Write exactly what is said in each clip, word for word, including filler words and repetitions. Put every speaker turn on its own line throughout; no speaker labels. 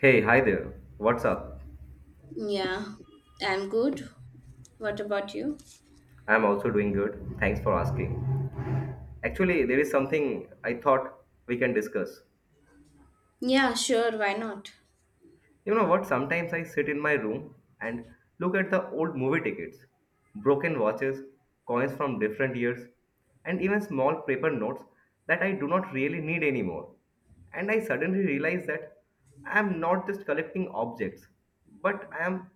Hey, hi there. What's up?
Yeah, I'm good. What about you?
I'm also doing good. Thanks for asking. Actually, there is something I thought we can discuss.
Yeah, sure, why not?
You know what? Sometimes I sit in my room and look at the old movie tickets, broken watches, coins from different years, and even small paper notes that I do not really need anymore. And I suddenly realize that I am not just collecting objects, but I am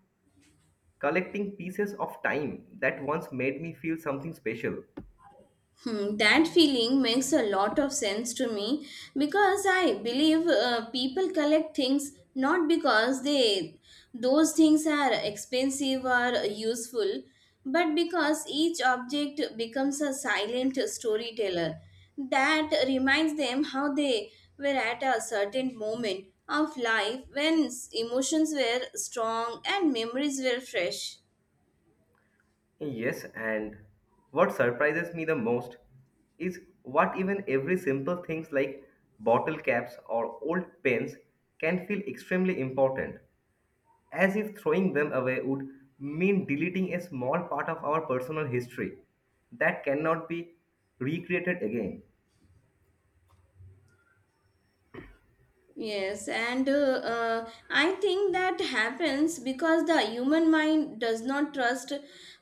collecting pieces of time that once made me feel something special.
Hmm, that feeling makes a lot of sense to me because I believe uh, people collect things not because they those things are expensive or useful, but because each object becomes a silent storyteller that reminds them how they were at a certain moment of life when s- emotions were strong and memories were fresh.
Yes, and what surprises me the most is what even every simple things like bottle caps or old pens can feel extremely important, as if throwing them away would mean deleting a small part of our personal history that cannot be recreated again.
Yes, and uh, uh, I think that happens because the human mind does not trust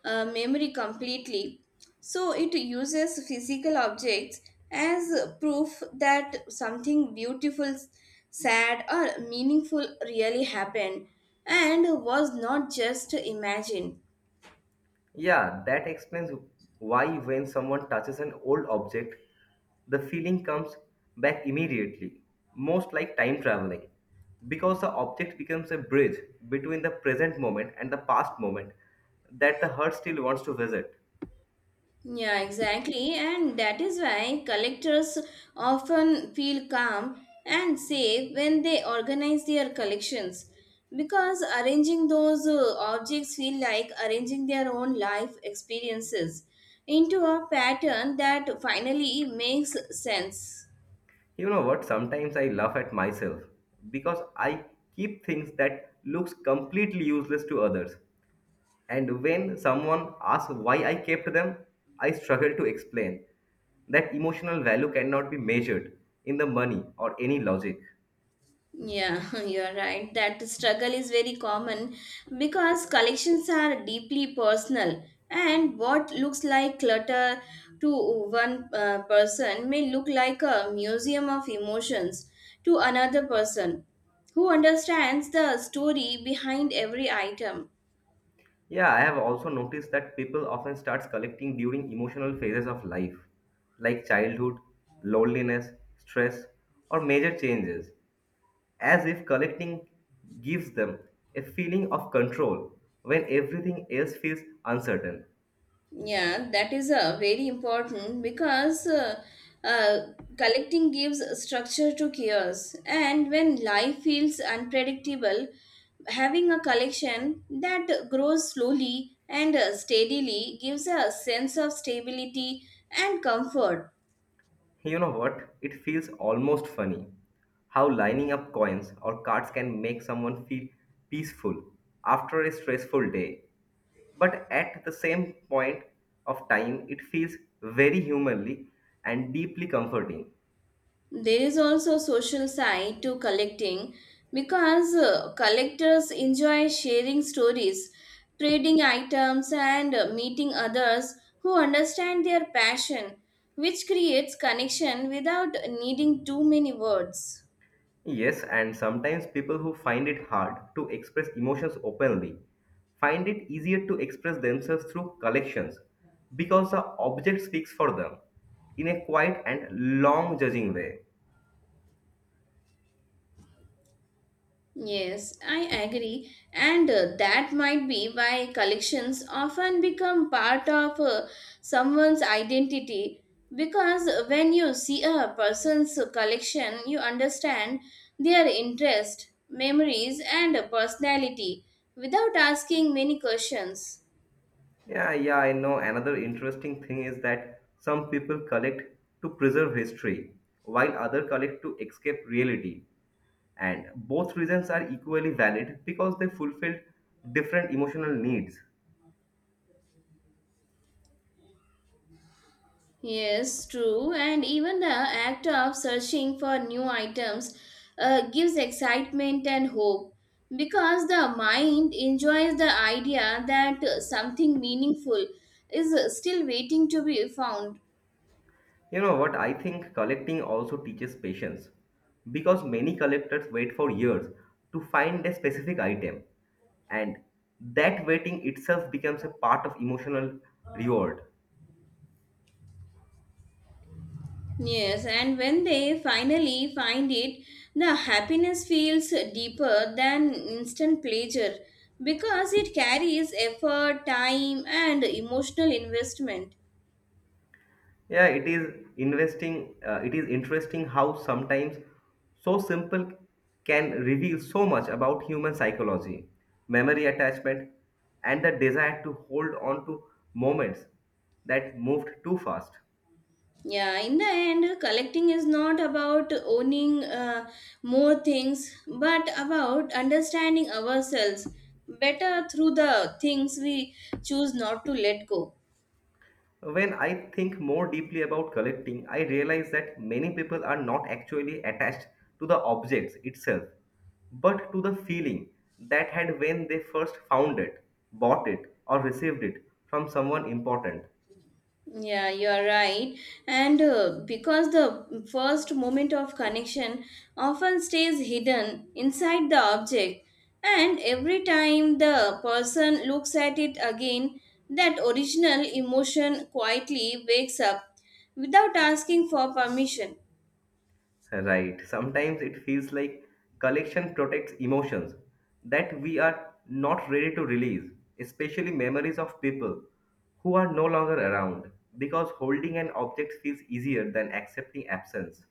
uh, memory completely. So it uses physical objects as proof that something beautiful, sad, or meaningful really happened and was not just imagined.
Yeah, that explains why when someone touches an old object, the feeling comes back immediately, most like time traveling. Because the object becomes a bridge between the present moment and the past moment that the heart still wants to visit.
Yeah, exactly. And that is why collectors often feel calm and safe when they organize their collections because arranging those uh, objects feel like arranging their own life experiences into a pattern that finally makes sense.
You know what? Sometimes I laugh at myself because I keep things that looks completely useless to others. And when someone asks why I kept them, I struggle to explain. That emotional value cannot be measured in the money or any logic.
Yeah, you're right. That struggle is very common because collections are deeply personal, and what looks like clutter to one uh, person may look like a museum of emotions to another person who understands the story behind every item.
Yeah, I have also noticed that people often start collecting during emotional phases of life, like childhood, loneliness, stress, or major changes, as if collecting gives them a feeling of control when everything else feels uncertain.
Yeah, that is uh, very important because uh, uh, collecting gives structure to chaos. And when life feels unpredictable, having a collection that grows slowly and uh, steadily gives a sense of stability and comfort.
You know what? It feels almost funny how lining up coins or cards can make someone feel peaceful after a stressful day. But at the same point of time, it feels very humanly and deeply comforting.
There is also social side to collecting because uh, collectors enjoy sharing stories, trading items, and uh, meeting others who understand their passion, which creates connection without needing too many words.
Yes, and sometimes people who find it hard to express emotions openly find it easier to express themselves through collections because the object speaks for them in a quiet and long judging way.
Yes, I agree, and uh, that might be why collections often become part of uh, someone's identity because when you see a person's collection, you understand their interest, memories, and personality without asking many questions.
Yeah, yeah, I know. Another interesting thing is that some people collect to preserve history, while others collect to escape reality. And both reasons are equally valid because they fulfill different emotional needs.
Yes, true. And even the act of searching for new items uh, gives excitement and hope because the mind enjoys the idea that uh, something meaningful is uh, still waiting to be found.
You know what? I think collecting also teaches patience because many collectors wait for years to find a specific item, and that waiting itself becomes a part of emotional reward.
Yes, and when they finally find it, the happiness feels deeper than instant pleasure because it carries effort, time, and emotional investment.
Yeah, it is investing. Uh, it is interesting how sometimes so simple can reveal so much about human psychology, memory attachment, and the desire to hold on to moments that moved too fast.
Yeah, in the end, collecting is not about owning uh, more things, but about understanding ourselves better through the things we choose not to let go.
When I think more deeply about collecting, I realize that many people are not actually attached to the objects itself, but to the feeling that had when they first found it, bought it, or received it from someone important.
Yeah, you're right. And uh, because the first moment of connection often stays hidden inside the object, and every time the person looks at it again, that original emotion quietly wakes up without asking for permission.
Right. Sometimes it feels like collection protects emotions that we are not ready to release, especially memories of people who are no longer around, because holding an object feels easier than accepting absence.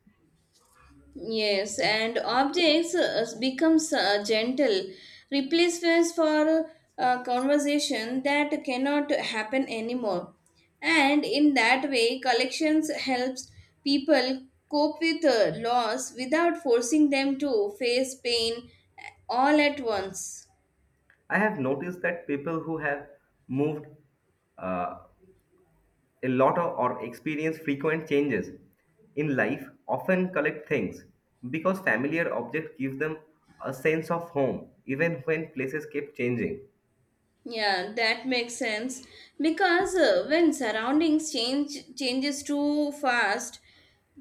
Yes, and objects uh, becomes uh, gentle replacements for uh, conversation that cannot happen anymore. And in that way, collections helps people cope with uh, loss without forcing them to face pain uh, all at once.
I have noticed that people who have moved uh, a lot of, or experience frequent changes in life often collect things because familiar objects give them a sense of home even when places keep changing.
Yeah, that makes sense because uh, when surroundings change changes too fast,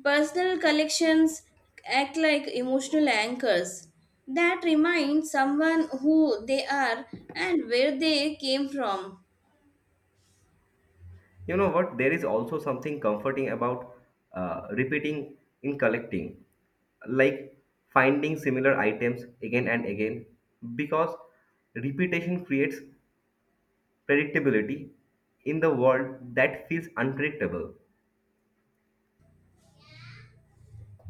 personal collections act like emotional anchors that remind someone who they are and where they came from.
You know what? There is also something comforting about uh, repeating in collecting, like finding similar items again and again, because repetition creates predictability in the world that feels unpredictable.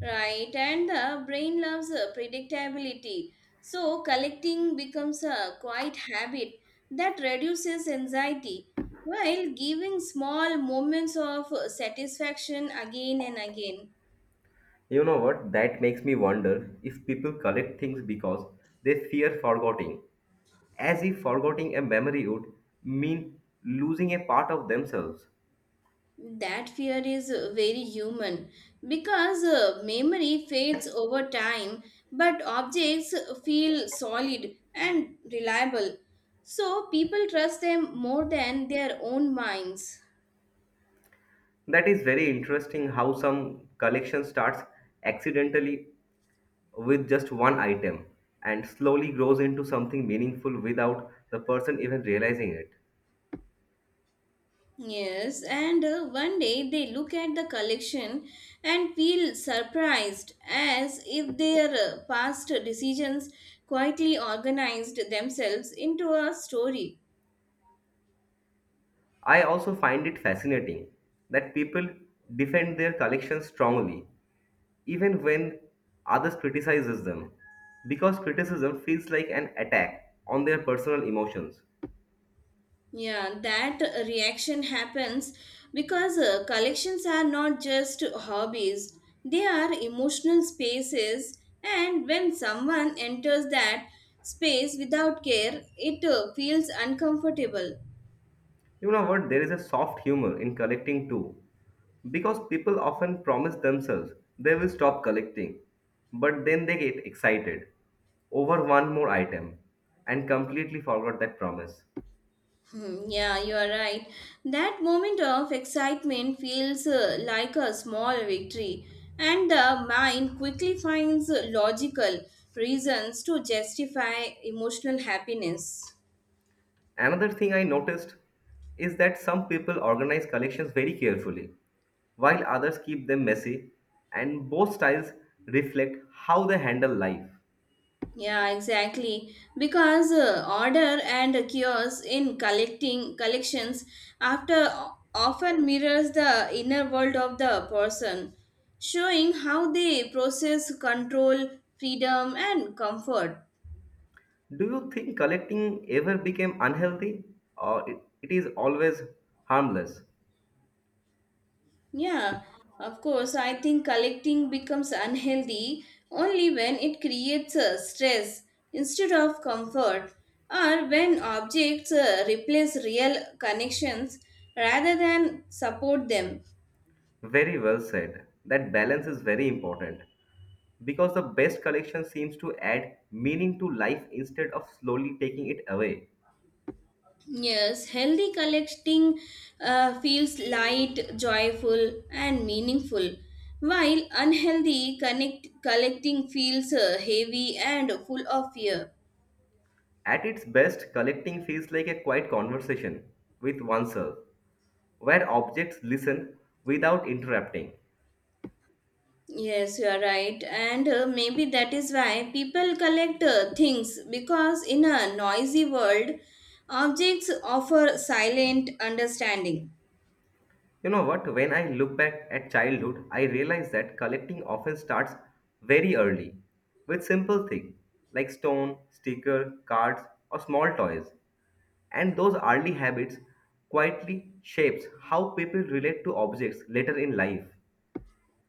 Right, and the brain loves uh, predictability. So, collecting becomes a quiet habit that reduces anxiety while giving small moments of uh, satisfaction again and again.
You know what? That makes me wonder if people collect things because they fear forgetting, as if forgetting a memory would mean losing a part of themselves.
That fear is uh, very human because uh, memory fades over time, but objects feel solid and reliable. So, people trust them more than their own minds.
That is very interesting how some collection starts accidentally with just one item and slowly grows into something meaningful without the person even realizing it.
Yes, and uh, one day they look at the collection and feel surprised as if their uh, past decisions quietly organized themselves into a story.
I also find it fascinating that people defend their collections strongly even when others criticizes them because criticism feels like an attack on their personal emotions.
Yeah, that uh, reaction happens because uh, collections are not just hobbies, they are emotional spaces, and when someone enters that space without care, it uh, feels uncomfortable.
You know what? There is a soft humor in collecting too. Because people often promise themselves they will stop collecting, but then they get excited over one more item and completely forgot that promise.
Hmm, yeah, you are right. That moment of excitement feels uh, like a small victory, and the mind quickly finds logical reasons to justify emotional happiness.
Another thing I noticed is that some people organize collections very carefully, while others keep them messy, and both styles reflect how they handle life.
Yeah, exactly. Because uh, order and chaos in collecting collections after often mirrors the inner world of the person, showing how they process control, freedom, and comfort.
Do you think collecting ever became unhealthy or it, it is always harmless?
Yeah, of course. I think collecting becomes unhealthy only when it creates uh, stress instead of comfort, or when objects uh, replace real connections rather than support them.
Very well said. That balance is very important because the best collection seems to add meaning to life instead of slowly taking it away.
Yes, healthy collecting uh, feels light, joyful, and meaningful, while unhealthy connect- collecting feels uh, heavy and full of fear.
At its best, collecting feels like a quiet conversation with oneself, where objects listen without interrupting.
Yes, you are right. And uh, maybe that is why people collect uh, things because in a noisy world, objects offer silent understanding.
You know what? When I look back at childhood, I realize that collecting often starts very early with simple things like stone, sticker, cards, or small toys. And those early habits quietly shapes how people relate to objects later in life.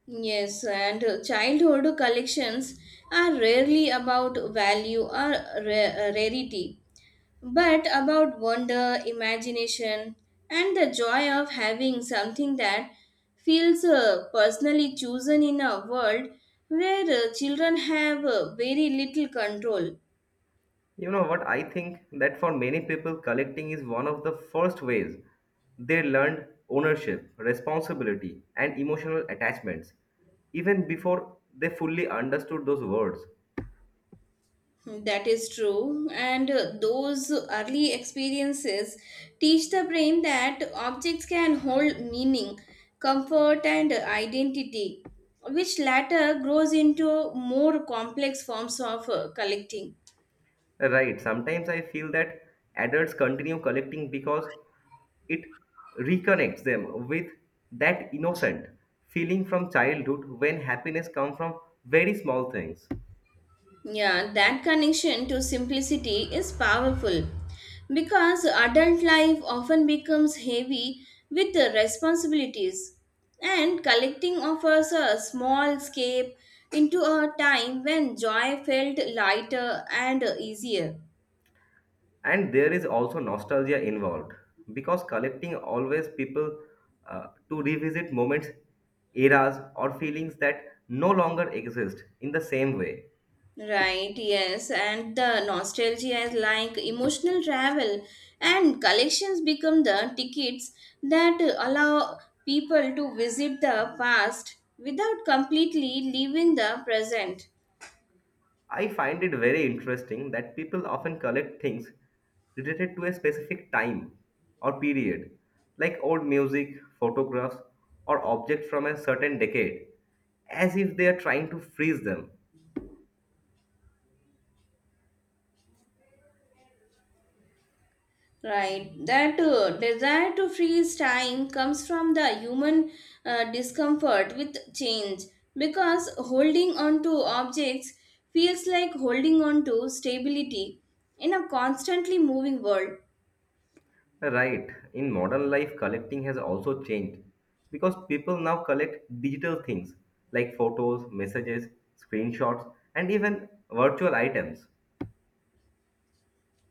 Yes, and uh, childhood collections are rarely about value or ra- uh, rarity, but about wonder, imagination, and the joy of having something that feels uh, personally chosen in a world where uh, children have uh, very little control.
You know what? I think that for many people, collecting is one of the first ways they learned ownership, responsibility, and emotional attachments, even before they fully understood those words.
That is true, and uh, those early experiences teach the brain that objects can hold meaning, comfort, and identity, which latter grows into more complex forms of uh, collecting.
Right. Sometimes I feel that adults continue collecting because it reconnects them with that innocent feeling from childhood when happiness comes from very small things.
Yeah, that connection to simplicity is powerful because adult life often becomes heavy with the responsibilities, and collecting offers a small escape into a time when joy felt lighter and easier.
And there is also nostalgia involved because collecting always people uh, to revisit moments, eras, or feelings that no longer exist in the same way.
Right, yes, and the nostalgia is like emotional travel, and collections become the tickets that allow people to visit the past without completely leaving the present.
I find it very interesting that people often collect things related to a specific time or period, like old music, photographs, or objects from a certain decade, as if they are trying to freeze them.
Right, that uh, desire to freeze time comes from the human uh, discomfort with change because holding on to objects feels like holding on to stability in a constantly moving world.
Right, in modern life, collecting has also changed because people now collect digital things like photos, messages, screenshots, and even virtual items.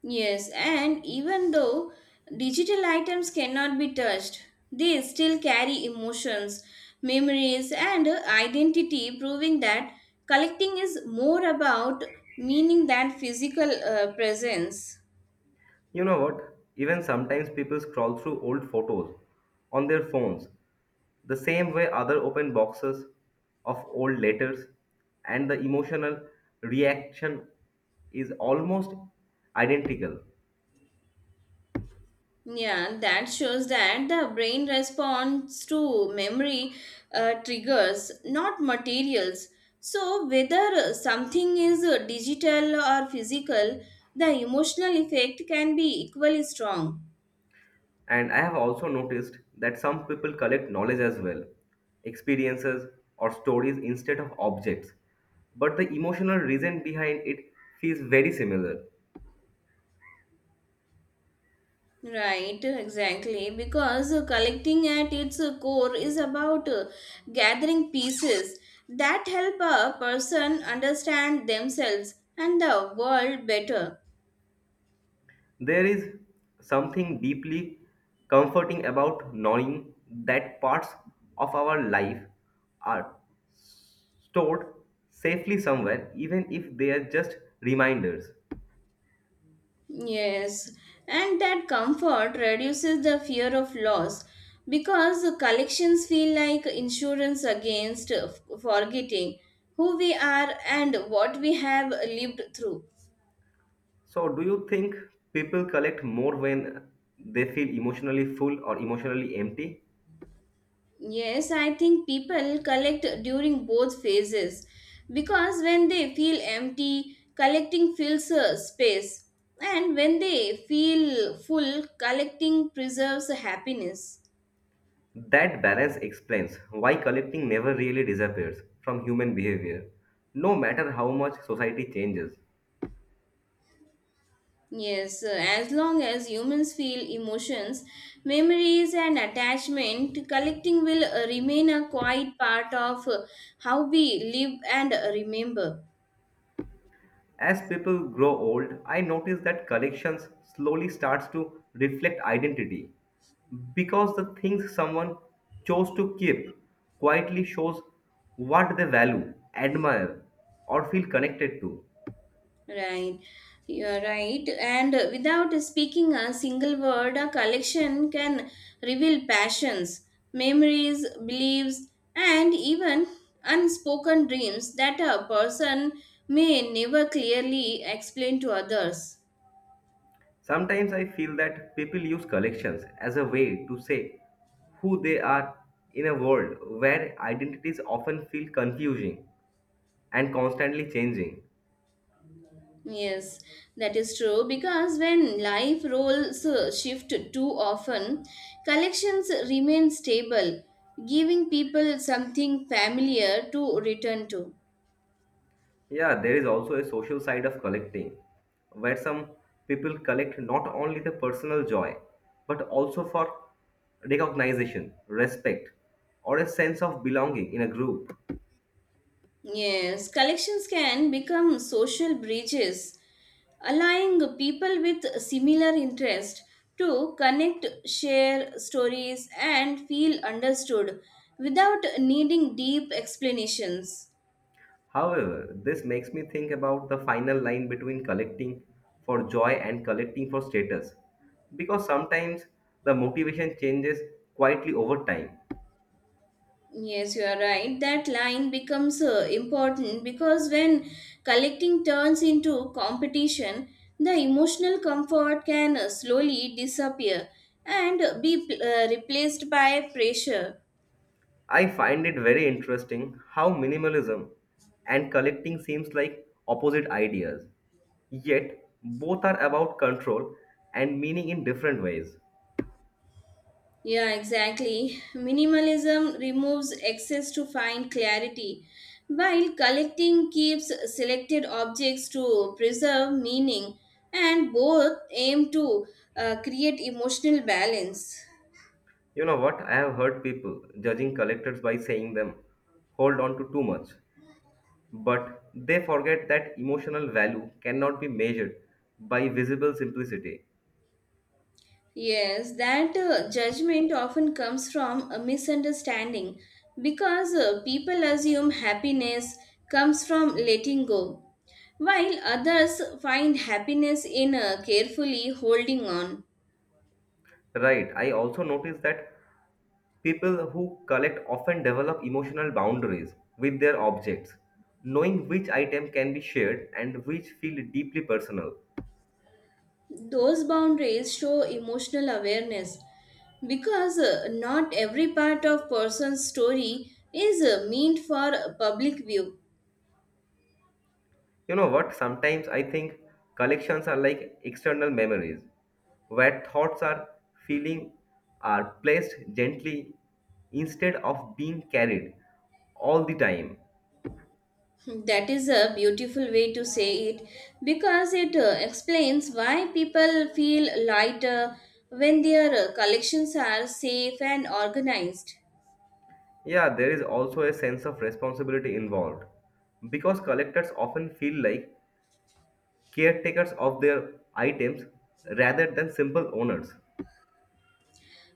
Yes, and even though digital items cannot be touched, they still carry emotions, memories, and identity, proving that collecting is more about meaning than physical uh, presence.
You know what? Even sometimes people scroll through old photos on their phones the same way other open boxes of old letters and the emotional reaction is almost identical.
Yeah, that shows that the brain responds to memory uh, triggers, not materials. So, whether something is uh, digital or physical, the emotional effect can be equally strong.
And I have also noticed that some people collect knowledge as well, experiences, or stories instead of objects, but the emotional reason behind it feels very similar.
Right, exactly. Because uh, collecting at its uh, core is about uh, gathering pieces that help a person understand themselves and the world better.
There is something deeply comforting about knowing that parts of our life are stored safely somewhere, even if they are just reminders.
Yes, and that comfort reduces the fear of loss because the collections feel like insurance against uh, forgetting who we are and what we have lived through.
So, do you think people collect more when they feel emotionally full or emotionally empty?
Yes, I think people collect during both phases because when they feel empty, collecting fills a space, and when they feel full, collecting preserves happiness.
That balance explains why collecting never really disappears from human behavior, no matter how much society changes.
Yes, uh, as long as humans feel emotions, memories, and attachment, collecting will uh, remain a quiet part of uh, how we live and uh, remember.
As people grow old, I notice that collections slowly starts to reflect identity because the things someone chose to keep quietly shows what they value, admire, or feel connected to.
Right, you're right. And without speaking a single word, a collection can reveal passions, memories, beliefs, and even unspoken dreams that a person may never clearly explain to others.
Sometimes I feel that people use collections as a way to say who they are in a world where identities often feel confusing and constantly changing.
Yes, that is true because when life roles uh, shift too often, collections remain stable, giving people something familiar to return to.
Yeah, there is also a social side of collecting, where some people collect not only the personal joy, but also for recognition, respect, or a sense of belonging in a group.
Yes, collections can become social bridges, allowing people with similar interest to connect, share stories, and feel understood without needing deep explanations.
However, this makes me think about the final line between collecting for joy and collecting for status, because sometimes the motivation changes quietly over time.
Yes, you are right. That line becomes uh, important because when collecting turns into competition, the emotional comfort can uh, slowly disappear and be uh, replaced by pressure.
I find it very interesting how minimalism and collecting seems like opposite ideas. Yet, both are about control and meaning in different ways.
Yeah, exactly. Minimalism removes excess to find clarity, while collecting keeps selected objects to preserve meaning, and both aim to uh, create emotional balance.
You know what? I have heard people judging collectors by saying them hold on to too much, but they forget that emotional value cannot be measured by visible simplicity.
Yes, that uh, judgment often comes from a misunderstanding because uh, people assume happiness comes from letting go, while others find happiness in uh, carefully holding on.
Right, I also noticed that people who collect often develop emotional boundaries with their objects, knowing which item can be shared and which feel deeply personal.
Those boundaries show emotional awareness because uh, not every part of person's story is uh, meant for public view.
You know what? Sometimes I think collections are like external memories, where thoughts are feeling are placed gently instead of being carried all the time.
That is a beautiful way to say it because it uh, explains why people feel lighter when their uh, collections are safe and organized.
Yeah, there is also a sense of responsibility involved because collectors often feel like caretakers of their items rather than simple owners.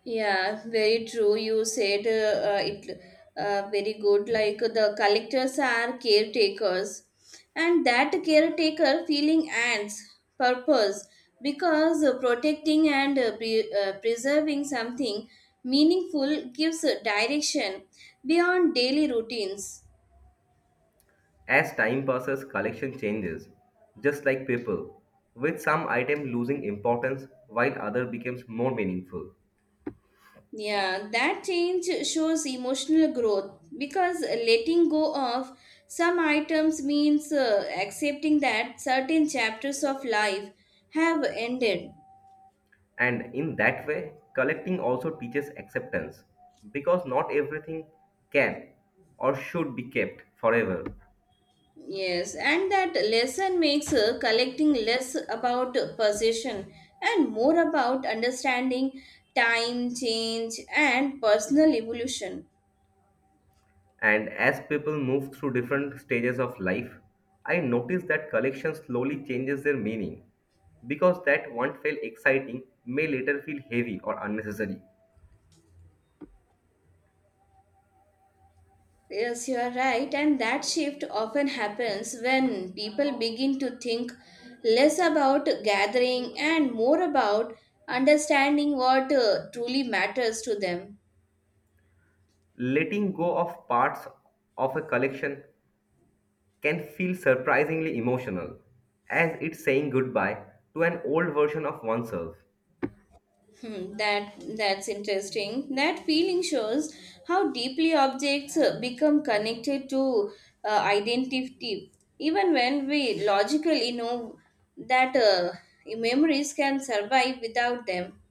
Yeah, very true. You said uh, uh, it uh, very good. Like the collectors are caretakers, and that caretaker feeling ants purpose because uh, protecting and uh, pre- uh, preserving something meaningful gives a direction beyond daily routines.
As time passes, collection changes, just like people, with some item losing importance while other becomes more meaningful.
Yeah, that change shows emotional growth because letting go of some items means uh, accepting that certain chapters of life have ended.
And in that way, collecting also teaches acceptance because not everything can or should be kept forever.
Yes, and that lesson makes uh, collecting less about possession and more about understanding time, change, and personal evolution.
And as people move through different stages of life, I notice that collection slowly changes their meaning because that once felt exciting may later feel heavy or unnecessary.
Yes, you are right, and that shift often happens when people begin to think less about gathering and more about understanding what uh, truly matters to them.
Letting go of parts of a collection can feel surprisingly emotional, as it's saying goodbye to an old version of oneself.
Hmm, that that's interesting. That feeling shows how deeply objects uh, become connected to uh, identity, even when we logically know that uh, memories can survive without them.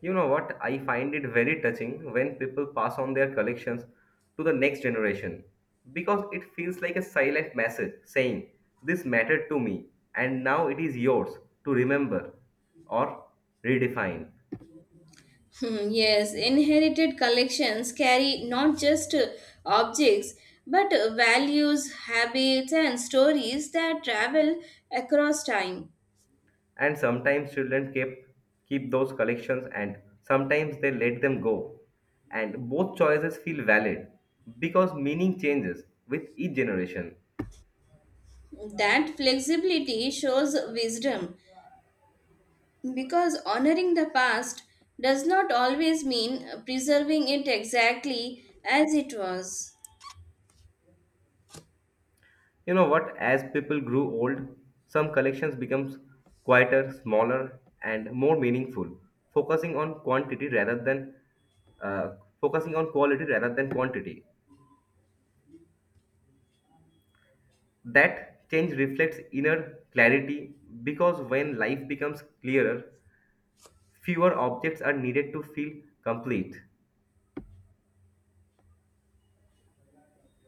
You know what? I find it very touching when people pass on their collections to the next generation because it feels like a silent message saying, this mattered to me, and now it is yours to remember or redefine.
Hmm, yes, inherited collections carry not just uh, objects but uh, values, habits, and stories that travel across time.
And sometimes children keep keep those collections and sometimes they let them go, and both choices feel valid because meaning changes with each generation.
That flexibility shows wisdom because honoring the past does not always mean preserving it exactly as it was.
You know what? As people grew old, some collections becomes quieter, smaller and more meaningful, focusing on quantity rather than uh, focusing on quality rather than quantity. That change reflects inner clarity because when life becomes clearer fewer objects are needed to feel complete.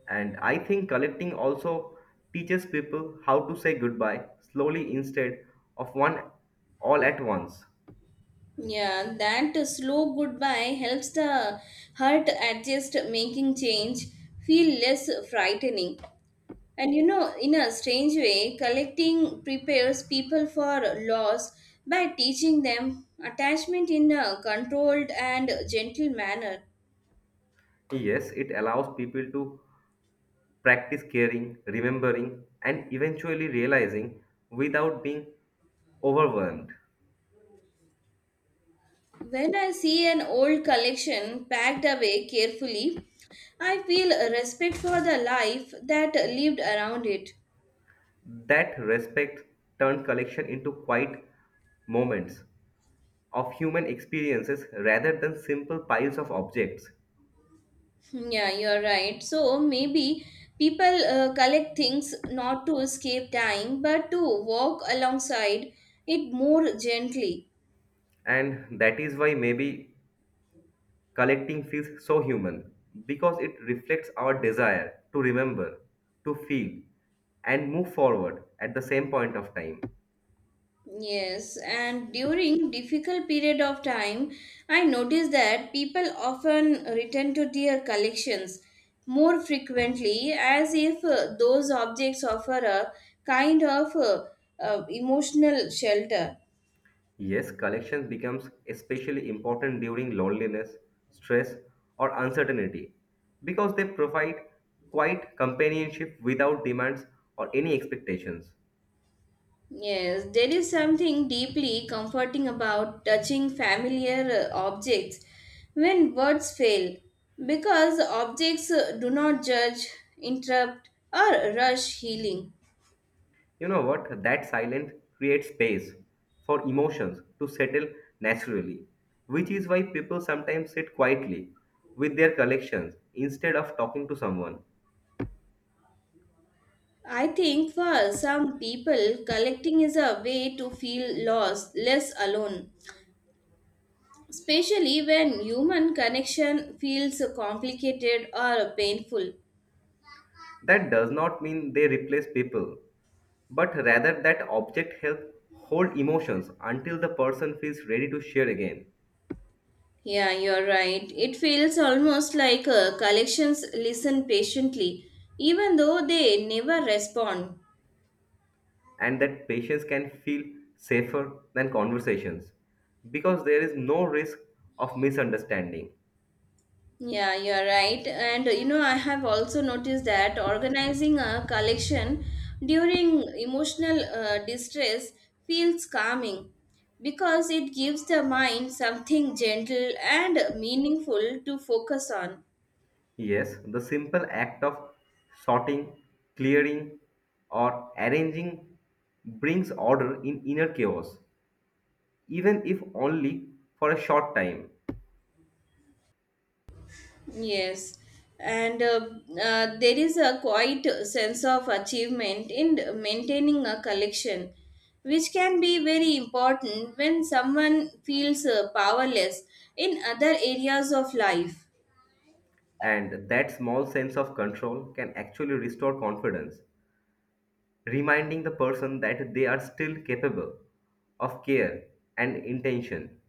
And I think collecting also teaches people how to say goodbye slowly instead of one all at once.
Yeah, that slow goodbye helps the heart adjust, making change feel less frightening. And you know, in a strange way, collecting prepares people for loss by teaching them attachment in a controlled and gentle manner.
Yes, it allows people to practice caring, remembering, and eventually realizing without being overwhelmed.
When I see an old collection packed away carefully, I feel a respect for the life that lived around it.
That respect turned collection into quiet moments of human experiences rather than simple piles of objects.
Yeah, you're right. So maybe people uh, collect things not to escape time but to walk alongside it more gently.
And that is why maybe collecting feels so human because it reflects our desire to remember, to feel, and move forward at the same point of time.
Yes, and during difficult period of time, I noticed that people often return to their collections more frequently as if uh, those objects offer a kind of uh, uh, emotional shelter.
Yes, collection becomes especially important during loneliness, stress, or uncertainty because they provide quiet companionship without demands or any expectations.
Yes, there is something deeply comforting about touching familiar uh, objects when words fail because objects uh, do not judge, interrupt, or rush healing.
You know what? That silence creates space for emotions to settle naturally, which is why people sometimes sit quietly with their collections instead of talking to someone.
I think for some people, collecting is a way to feel lost, less alone, especially when human connection feels complicated or painful.
That does not mean they replace people, but rather that object help hold emotions until the person feels ready to share again,
Yeah, you're right. It feels almost like uh, collections listen patiently, even though they never respond.
and that patients can feel safer than conversations because there is no risk of misunderstanding.
Yeah, you're right. And uh, you know, I have also noticed that organizing a collection during emotional uh, distress feels calming because it gives the mind something gentle and meaningful to focus on.
Yes, the simple act of sorting, clearing, or arranging brings order in inner chaos, even if only for a short time.
Yes, and uh, uh, there is a quite sense of achievement in maintaining a collection, which can be very important when someone feels uh, powerless in other areas of life.
And that small sense of control can actually restore confidence, reminding the person that they are still capable of care and intention.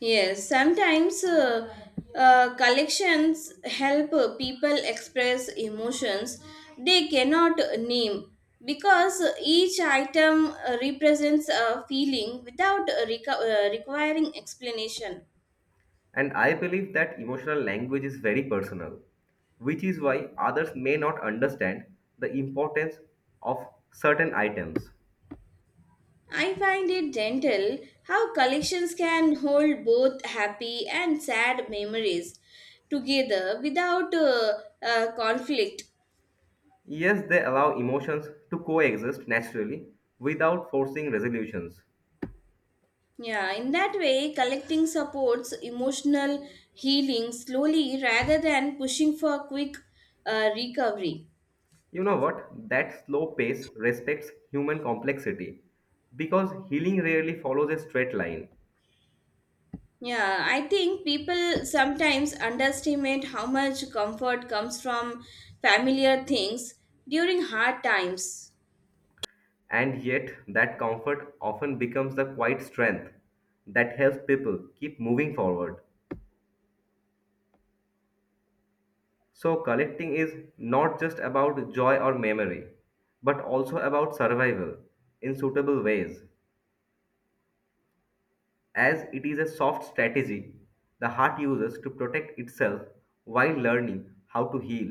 Yes, sometimes uh, uh, collections help uh, people express emotions they cannot name because each item uh, represents a feeling without uh, reco- uh, requiring explanation.
And I believe that emotional language is very personal, which is why others may not understand the importance of certain items.
I find it gentle how collections can hold both happy and sad memories together without uh, uh, conflict.
Yes, they allow emotions to coexist naturally without forcing resolutions.
Yeah, in that way, collecting supports emotional healing slowly rather than pushing for quick uh, recovery.
You know what? That slow pace respects human complexity because healing rarely follows a straight line.
Yeah, I think people sometimes underestimate how much comfort comes from familiar things during hard times.
And yet, that comfort often becomes the quiet strength that helps people keep moving forward. So, collecting is not just about joy or memory, but also about survival in suitable ways, as it is a soft strategy the heart uses to protect itself while learning how to heal.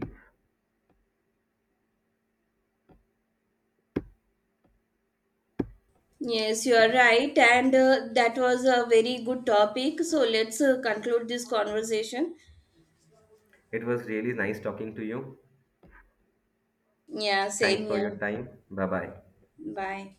Yes, you are right, and uh, that was a very good topic. So let's uh, conclude this conversation.
It was really nice talking to you.
Yeah,
Thanks
same
for
here.
your time. Bye bye.
Bye.